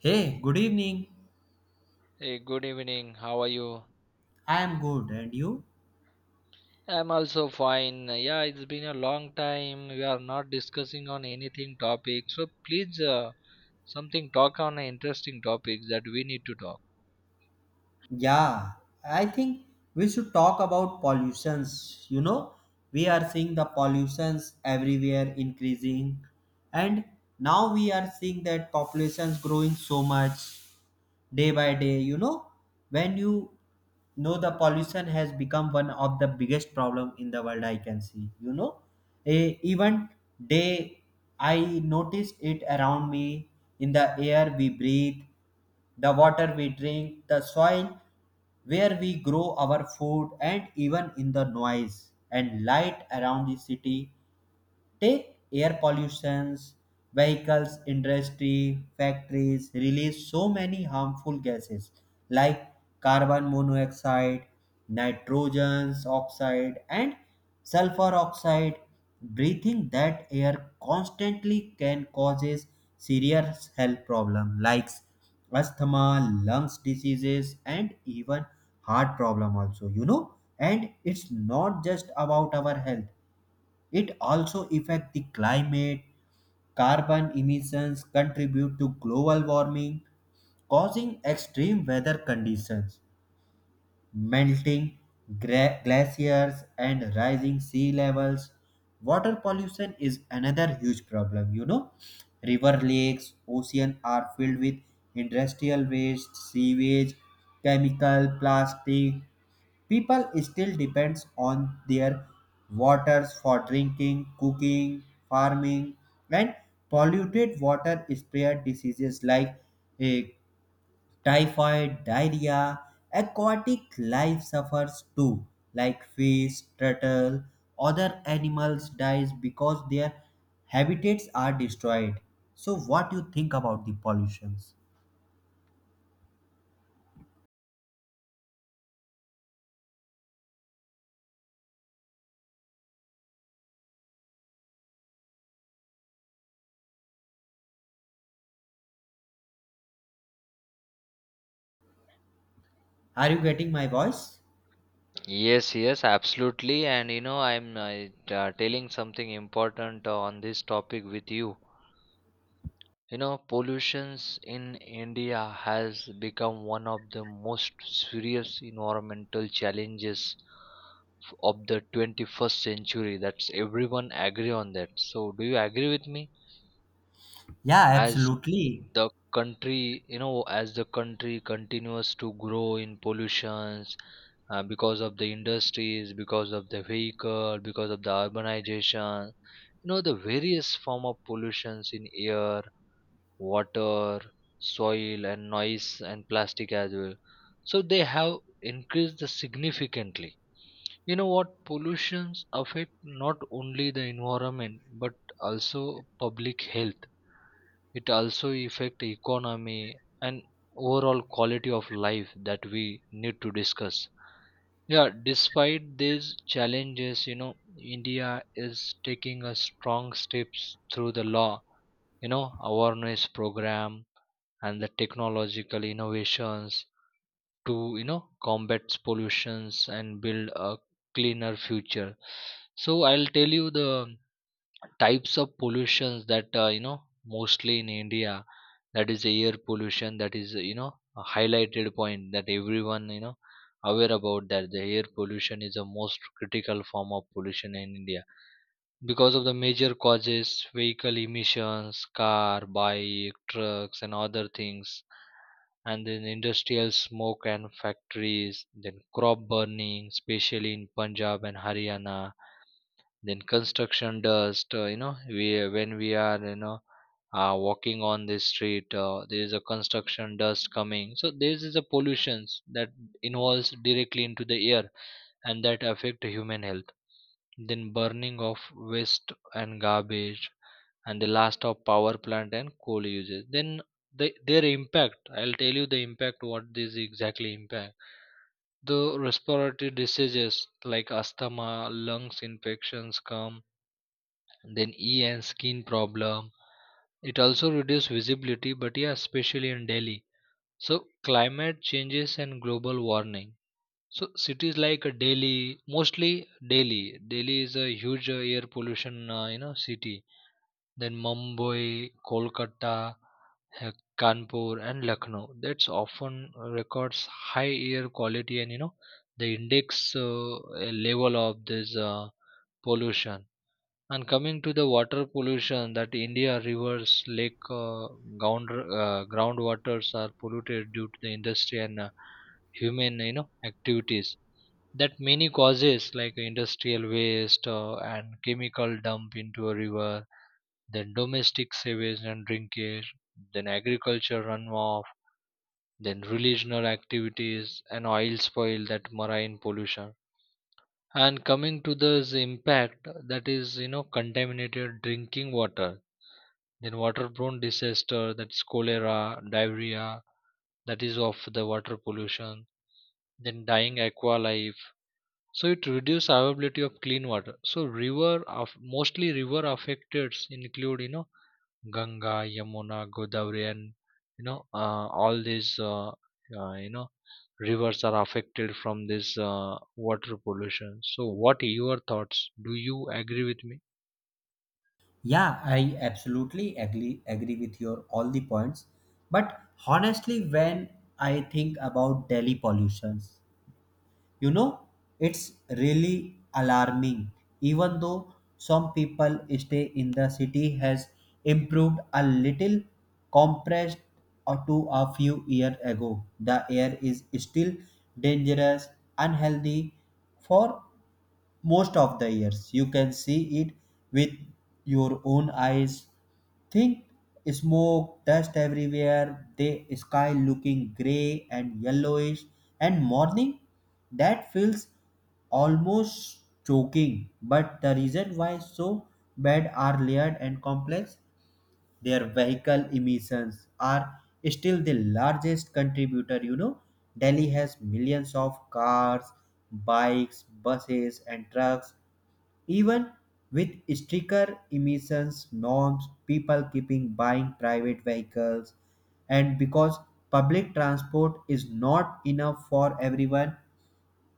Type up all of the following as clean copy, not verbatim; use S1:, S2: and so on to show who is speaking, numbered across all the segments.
S1: Hey, good evening.
S2: Hey, good evening. How are you?
S1: I am good, and you?
S2: I'm also fine. Yeah, it's been a long time. We are not discussing on anything topic. So please, something talk on an interesting topic that we need to talk.
S1: Yeah, I think we should talk about pollutions. You know, we are seeing the pollutions everywhere increasing, and now we are seeing that populations growing so much, day by day, you know. When you know the pollution has become one of the biggest problem in the world, I can see, you know, even day I noticed it around me, in the air we breathe, the water we drink, the soil where we grow our food, and even in the noise and light around the city. Take air pollutions, vehicles, industry, factories release so many harmful gases like carbon monoxide, nitrogen oxide, and sulfur oxide. Breathing that air constantly can causes serious health problems like asthma, lungs diseases, and even heart problem also. You know, and it's not just about our health, it also affects the climate. Carbon emissions contribute to global warming, causing extreme weather conditions, melting glaciers, and rising sea levels. Water pollution is another huge problem, you know. River lakes, ocean are filled with industrial waste, sewage, chemical, plastic. People still depends on their waters for drinking, cooking, farming, and polluted water spread diseases like eh, typhoid, diarrhea. Aquatic life suffers too, like fish, turtle, other animals dies because their habitats are destroyed. So, what do you think about the pollutions? Are you getting my voice?
S2: Yes, yes, absolutely. And you know, I'm telling something important on this topic with you. You know, pollutions in India has become one of the most serious environmental challenges of the 21st century. That's everyone agree on that. So, do you agree with me?
S1: Yeah,
S2: As
S1: absolutely.
S2: the country, continues to grow in pollutions because of the industries, because of the vehicle, because of the urbanization, you know, the various form of pollutions in air, water, soil, and noise and plastic as well. So they have increased significantly. You know what? Pollutions affect not only the environment but also public health. It also affect the economy and overall quality of life that we need to discuss. Yeah, despite these challenges, you know, India is taking a strong steps through the law, you know, awareness program, and the technological innovations to combat pollutions and build a cleaner future. So I'll tell you the types of pollutions that, you know, mostly in India. That is air pollution. That is, you know, a highlighted point that everyone, you know, aware about, that the air pollution is the most critical form of pollution in India, because of the major causes: vehicle emissions, car, bike, trucks, and other things, and then industrial smoke and factories, then crop burning especially in Punjab and Haryana, then construction dust. Uh, you know, we, when we are, you know, walking on the street, there is a construction dust coming. So this is a pollutions that involves directly into the air and that affect human health. Then burning of waste and garbage, and the last of power plant and coal usage. Then the, their impact, I'll tell you the impact what this exactly impact: the respiratory diseases like asthma, lungs infections come, then eye and skin problem. It also reduce visibility, but yeah, especially in Delhi. So climate changes and global warming. So cities like, uh, Delhi, mostly Delhi. Delhi is a huge air pollution, you know, city. Then Mumbai, Kolkata, uh, Kanpur, and Lucknow. That's often records high air quality and, you know, the index level of this pollution. And coming to the water pollution, that India rivers, lake, groundwaters are polluted due to the industry and, human, you know, activities, that many causes like industrial waste and chemical dump into a river, then domestic sewage and drinkage, then agriculture runoff, then regional activities and oil spoil, that marine pollution. And coming to this impact that is, you know, contaminated drinking water, then waterborne disaster that's cholera, diarrhea, that is of the water pollution, then dying aqua life. So it reduces availability of clean water. So river of mostly river affected include, you know, Ganga, Yamuna, Godavari, and, you know uh, all these, you know, rivers are affected from this water pollution. So, what your thoughts? Do you agree with me?
S1: Yeah, I absolutely agree with your all the points. But honestly, when I think about Delhi pollutions, you know, it's really alarming. Even though some people stay in the city has improved a little compressed or to a few years ago, the air is still dangerous, unhealthy for most of the years. You can see it with your own eyes. Think smoke, dust everywhere, the sky looking grey and yellowish, and morning that feels almost choking. But the reason why so bad are layered and complex, their vehicle emissions are still the largest contributor. You know, Delhi has millions of cars, bikes, buses, and trucks. Even with stricter emissions norms, people keeping buying private vehicles, and because public transport is not enough for everyone.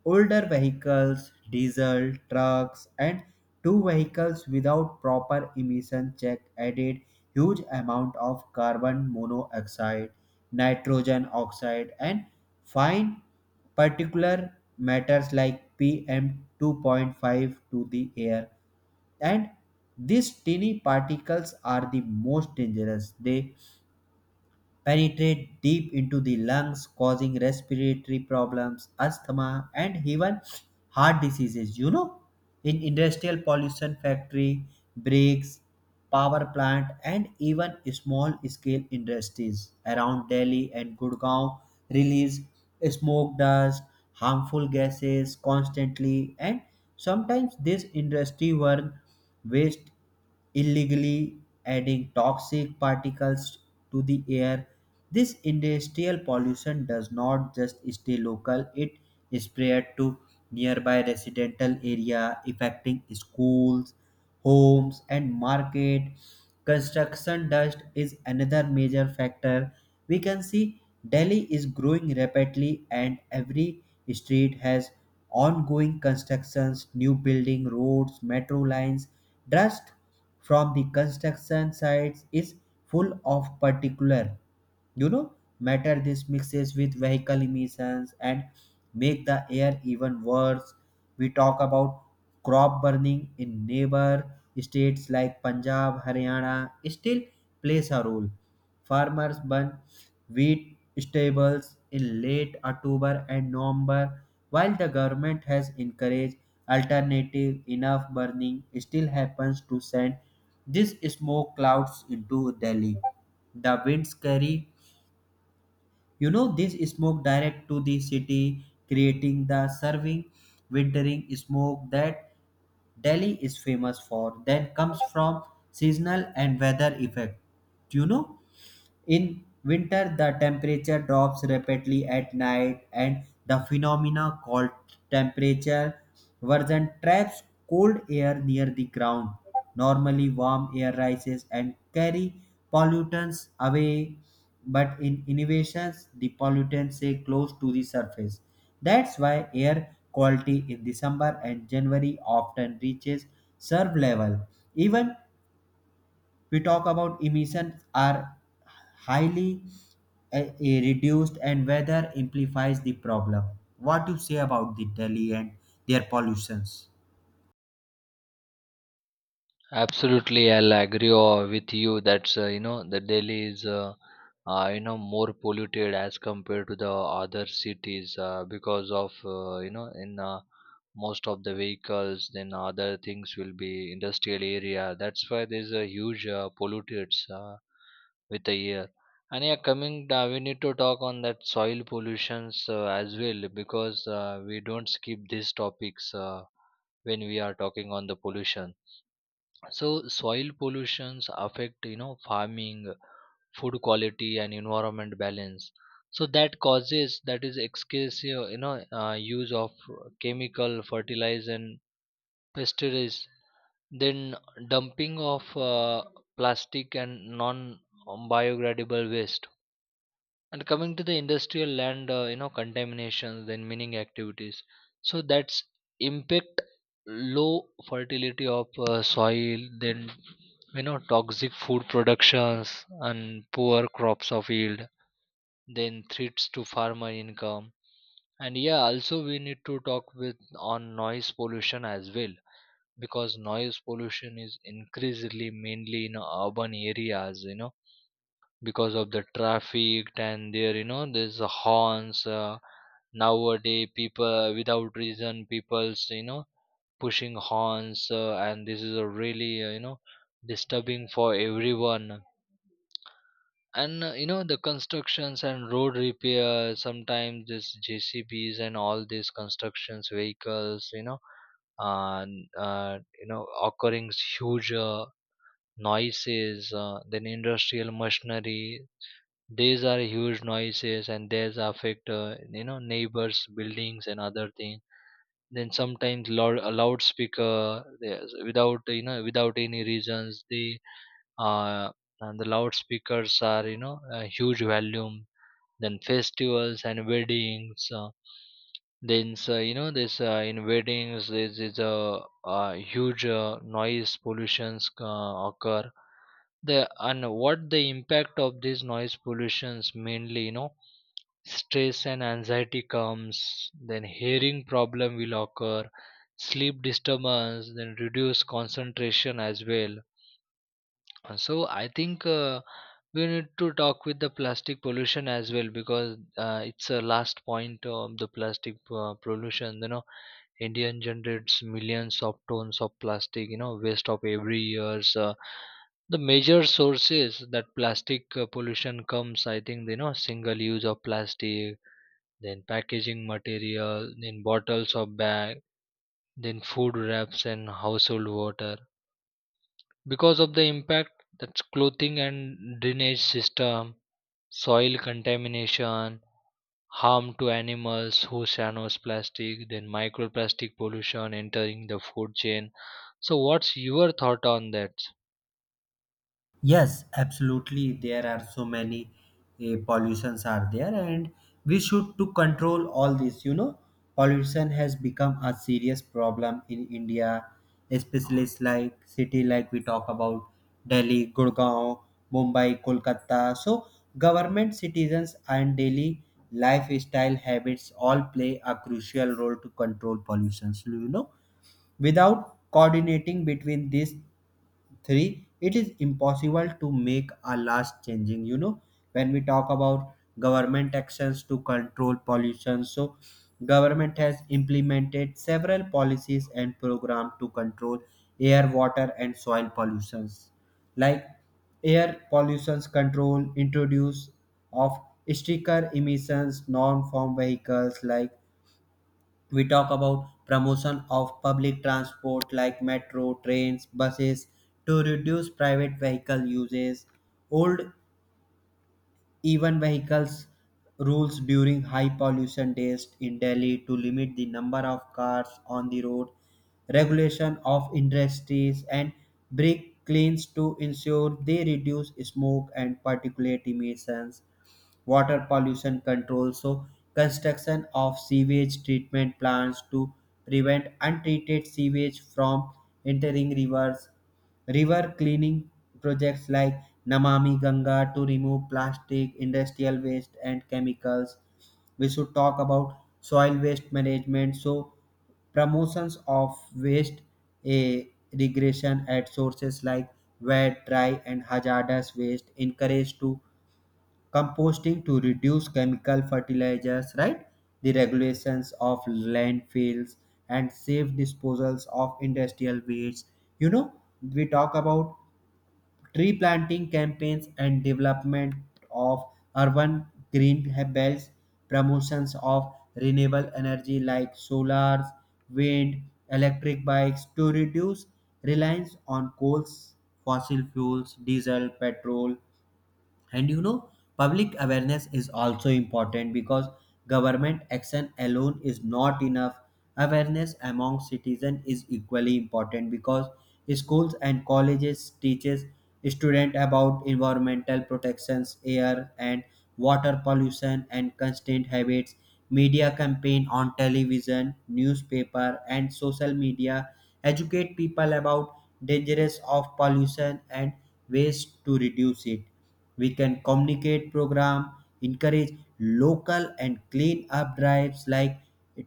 S1: Older vehicles, diesel trucks, and two vehicles without proper emission check added huge amount of carbon monoxide, nitrogen oxide, and fine particular matters like PM 2.5 to the air, and these tiny particles are the most dangerous. They penetrate deep into the lungs, causing respiratory problems, asthma, and even heart diseases. You know, in industrial pollution, factory breaks, power plant, and even small scale industries around Delhi and Gurgaon release smoke dust, harmful gases constantly, and sometimes this industry burn waste illegally, adding toxic particles to the air. This industrial pollution does not just stay local, it spread to nearby residential area affecting schools, homes, and market. Construction dust is another major factor. We can see Delhi is growing rapidly and every street has ongoing constructions, new building, roads, metro lines. Dust from the construction sites is full of particular, you know, matter. This mixes with vehicle emissions and make the air even worse. We talk about crop burning in neighbor states like Punjab, Haryana, still plays a role. Farmers burn wheat stables in late October and November. While the government has encouraged alternative, enough burning still happens to send these smoke clouds into Delhi. The winds carry, you know, this smoke direct to the city, creating the serving wintering smoke that Delhi is famous for. Then comes from seasonal and weather effect. Do you know, in winter, the temperature drops rapidly at night, and the phenomena called temperature version traps cold air near the ground. Normally, warm air rises and carry pollutants away, but in innovations, the pollutants stay close to the surface. That's why air quality in December and January often reaches serve level. Even we talk about emissions are highly reduced and weather amplifies the problem. What do you say about the Delhi and their pollutions?
S2: Absolutely, I'll agree with you. That's, you know, the Delhi is, you know, more polluted as compared to the other cities, because of, you know, in, most of the vehicles, then other things will be industrial area. That's why there's a huge pollutants with the air. And yeah, coming, we need to talk on that soil pollutions as well, because we don't skip these topics when we are talking on the pollution. So soil pollutions affect, you know, farming, food quality, and environment balance. So that causes, that is excessive, use of chemical fertilizer and pesticides. Then dumping of plastic and non-biodegradable waste, and coming to the industrial land, you know, contamination, then mining activities. So that's impact low fertility of soil, then, you know, toxic food productions and poor crops of yield, then threats to farmer income. And yeah, also we need to talk with on noise pollution as well, because noise pollution is increasingly mainly in urban areas, you know, because of the traffic, and there, you know, there's a horns. Uh, nowadays people without reason, people's, you know, pushing horns, and this is a really, you know, disturbing for everyone, and, you know, the constructions and road repair, sometimes this JCBs and all these constructions vehicles, you know, and, occurring huge noises, then industrial machinery, these are huge noises, and these affect, you know, neighbors, buildings, and other things. Then sometimes loud, a loudspeaker, without, without any reasons, the, uh, and the loudspeakers are, you know, a huge volume. Then festivals and weddings. Then so, you know, this, in weddings this is a huge noise pollutions occur. The, and what the impact of these noise pollutions, mainly, you know, stress and anxiety comes, then hearing problem will occur, sleep disturbance, then reduce concentration as well. So I think, we need to talk with the plastic pollution as well, because, it's a last point of the plastic pollution. You know, Indian generates millions of tons of plastic, you know, waste of every years. The major sources that plastic pollution comes, I think, you know, single use of plastic, then packaging material, then bottles of bag, then food wraps and household water. Because of the impact, that's clothing and drainage system, soil contamination, harm to animals, who channels plastic, then microplastic pollution entering the food chain. So, what's your thought on that?
S1: Yes, absolutely. There are so many pollutions are there, and we should to control all this. You know, pollution has become a serious problem in India, especially like city like we talk about Delhi, Gurgaon, Mumbai, Kolkata. So, government, citizens, and daily lifestyle habits all play a crucial role to control pollution. So, you know, without coordinating between these three it is impossible to make a last changing. You know, when we talk about government actions to control pollution, so government has implemented several policies and program to control air, water, and soil pollutions, like air pollutions control introduce of stricter emissions norm from vehicles. Like we talk about promotion of public transport like metro trains, buses to reduce private vehicle uses, old even vehicles rules during high pollution days in Delhi to limit the number of cars on the road, regulation of industries, and brake cleans to ensure they reduce smoke and particulate emissions. Water pollution control. So, construction of sewage treatment plants to prevent untreated sewage from entering rivers. River cleaning projects like Namami Ganga to remove plastic, industrial waste, and chemicals. We should talk about soil waste management. So, promotions of waste a regression at sources like wet, dry, and hazardous waste encouraged to composting to reduce chemical fertilizers, right? The regulations of landfills and safe disposals of industrial waste. You know, we talk about tree planting campaigns and development of urban green belts, promotions of renewable energy like solar, wind, electric bikes to reduce reliance on coals, fossil fuels, diesel, petrol, and you know, public awareness is also important because government action alone is not enough. Awareness among citizens is equally important because schools and colleges teaches students about environmental protections, air and water pollution, and constant habits. Media campaign on television, newspaper, and social media educate people about dangers of pollution and ways to reduce it. We can communicate program, encourage local and clean up drives like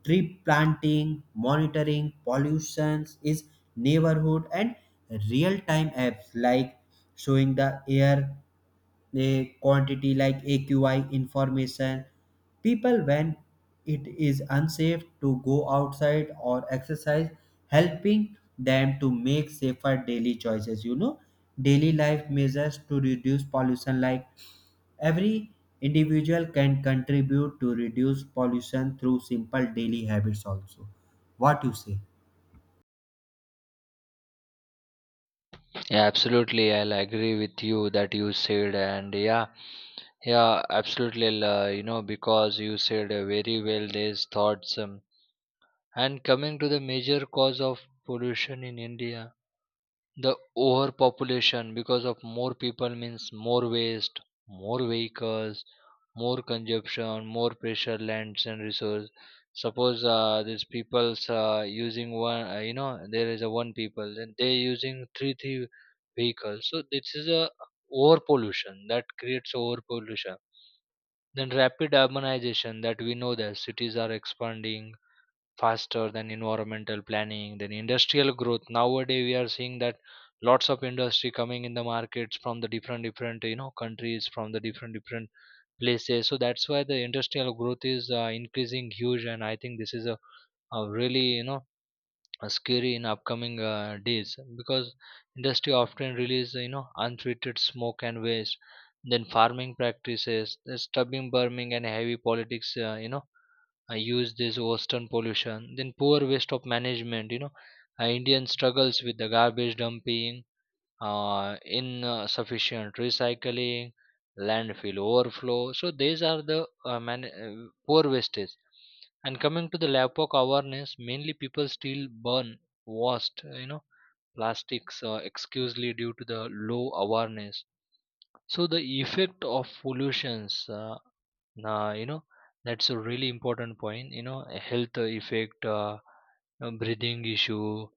S1: tree planting, monitoring pollutions is neighborhood and real time apps like showing the air a quantity, like AQI information, people when it is unsafe to go outside or exercise, helping them to make safer daily choices. You know, daily life measures to reduce pollution, like every individual can contribute to reduce pollution through simple daily habits, also. What you say?
S2: Yeah, absolutely. I'll agree with you that you said, and yeah, yeah, absolutely. You know, because you said, very well these thoughts. And coming to the major cause of pollution in India, the overpopulation, because of more people means more waste, more vehicles, more consumption, more pressure, lands and resource. Suppose, these people's, using one, you know, there is a one people, then they using three vehicles. So this is a overpollution that creates overpollution. Then rapid urbanization, that we know that cities are expanding faster than environmental planning, then industrial growth. Nowadays we are seeing that lots of industry coming in the markets from the different different, you know, countries, from the different different places. So that's why the industrial growth is, increasing huge, and I think this is a really, you know, a scary in upcoming days, because industry often release, you know, untreated smoke and waste, then farming practices, the stubbing burning and heavy politics, you know, I use this western pollution, then poor waste of management. You know, Indian struggles with the garbage dumping, insufficient recycling, landfill overflow. So these are the poor wastage. And coming to the LAPOC awareness, mainly people still burn waste, you know, plastics, excusely due to the low awareness. So the effect of pollutions, nah, you know, that's a really important point. You know, a health effect, breathing issue,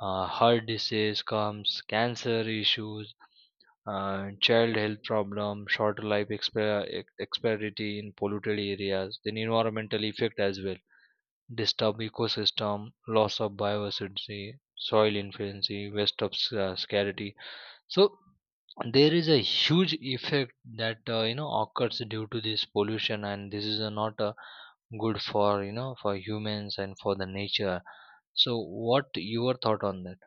S2: heart disease comes, cancer issues, child health problem, shorter life expectancy in polluted areas, then environmental effect as well, disturbed ecosystem, loss of biodiversity, soil influency, waste of scarcity. So there is a huge effect that, you know, occurs due to this pollution, and this is, not, good for, you know, for humans and for the nature. So what your thought on that?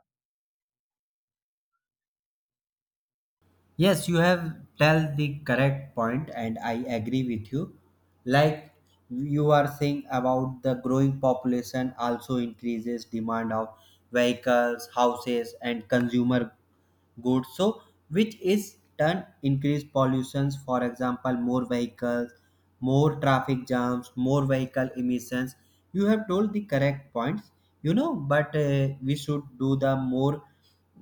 S1: Yes, you have tell the correct point, and I agree with you. Like you are saying about the growing population also increases demand of vehicles, houses, and consumer goods. So, which is turn increased pollutions. For example, more vehicles, more traffic jams, more vehicle emissions. You have told the correct points. You know, but we should do the more,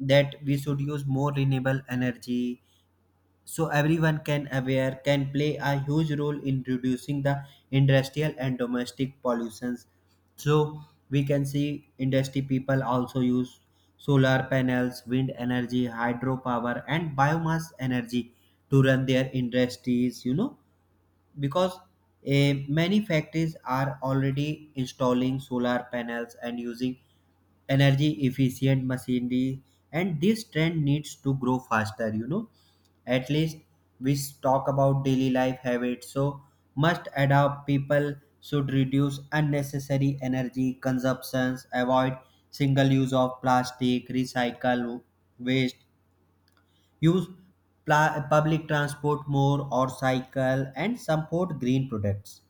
S1: that we should use more renewable energy, so everyone can aware can play a huge role in reducing the industrial and domestic pollutions. So we can see industry people also use solar panels, wind energy, hydropower, and biomass energy to run their industries, you know, because many factories are already installing solar panels and using energy efficient machinery, and this trend needs to grow faster. You know, at least we talk about daily life habits. So must adapt, people should reduce unnecessary energy consumptions, avoid single use of plastic, recycle waste. Use public transport more or cycle and support green products.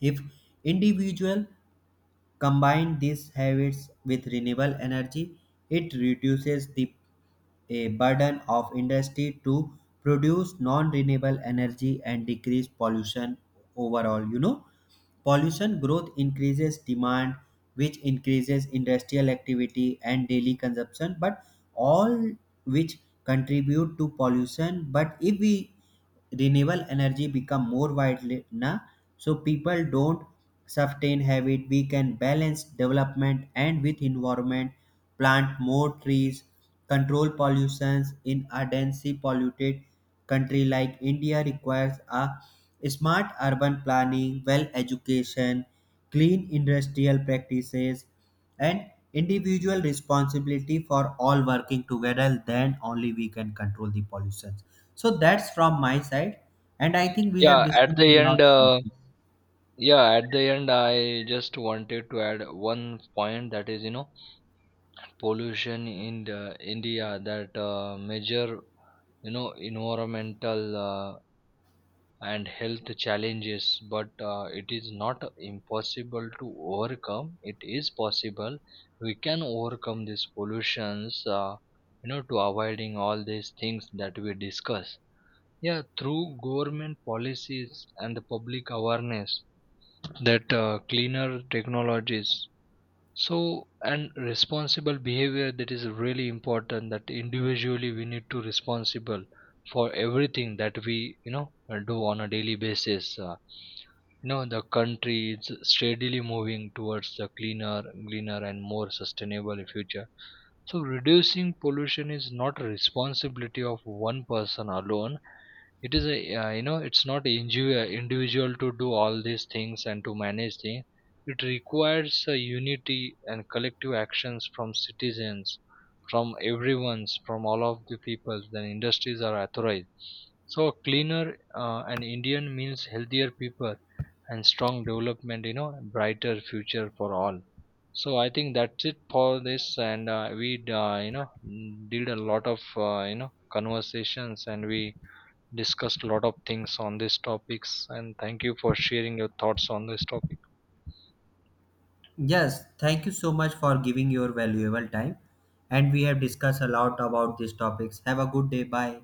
S1: If individual combine these habits with renewable energy, it reduces the burden of industry to produce non-renewable energy and decrease pollution overall. You know, pollution growth increases demand, which increases industrial activity and daily consumption, but all which contribute to pollution. But if we renewable energy become more widely na, so people don't sustain habit, we can balance development and with environment, plant more trees, control pollutions. In a densely polluted country like India requires a smart urban planning, well education, clean industrial practices, and individual responsibility for all working together. Then only we can control the pollution. So that's from my side, and I think we have
S2: Yeah, at
S1: discussed a
S2: the
S1: lot
S2: end,
S1: about this.
S2: I just wanted to add one point, that is, you know, pollution in the India, that, major, you know, environmental, and health challenges, but, it is not impossible to overcome, it is possible. We can overcome these pollutions, you know, to avoiding all these things that we discuss, yeah, through government policies and the public awareness, that, cleaner technologies. So, and responsible behavior, that is really important, that individually we need to responsible for everything that we, do on a daily basis. You know, the country is steadily moving towards the cleaner, greener, and more sustainable future. So reducing pollution is not a responsibility of one person alone. It is a, you know, it's not individual to do all these things and to manage things. It requires a unity and collective actions from citizens, from everyone's, from all of the people. Then industries are authorized. So cleaner, and Indian means healthier people and strong development. You know, brighter future for all. So I think that's it for this, and, we, did a lot of, you know, conversations, and we discussed a lot of things on these topics, and thank you for sharing your thoughts on this topic.
S1: Yes, thank you so much for giving your valuable time, and we have discussed a lot about these topics. Have a good day. Bye.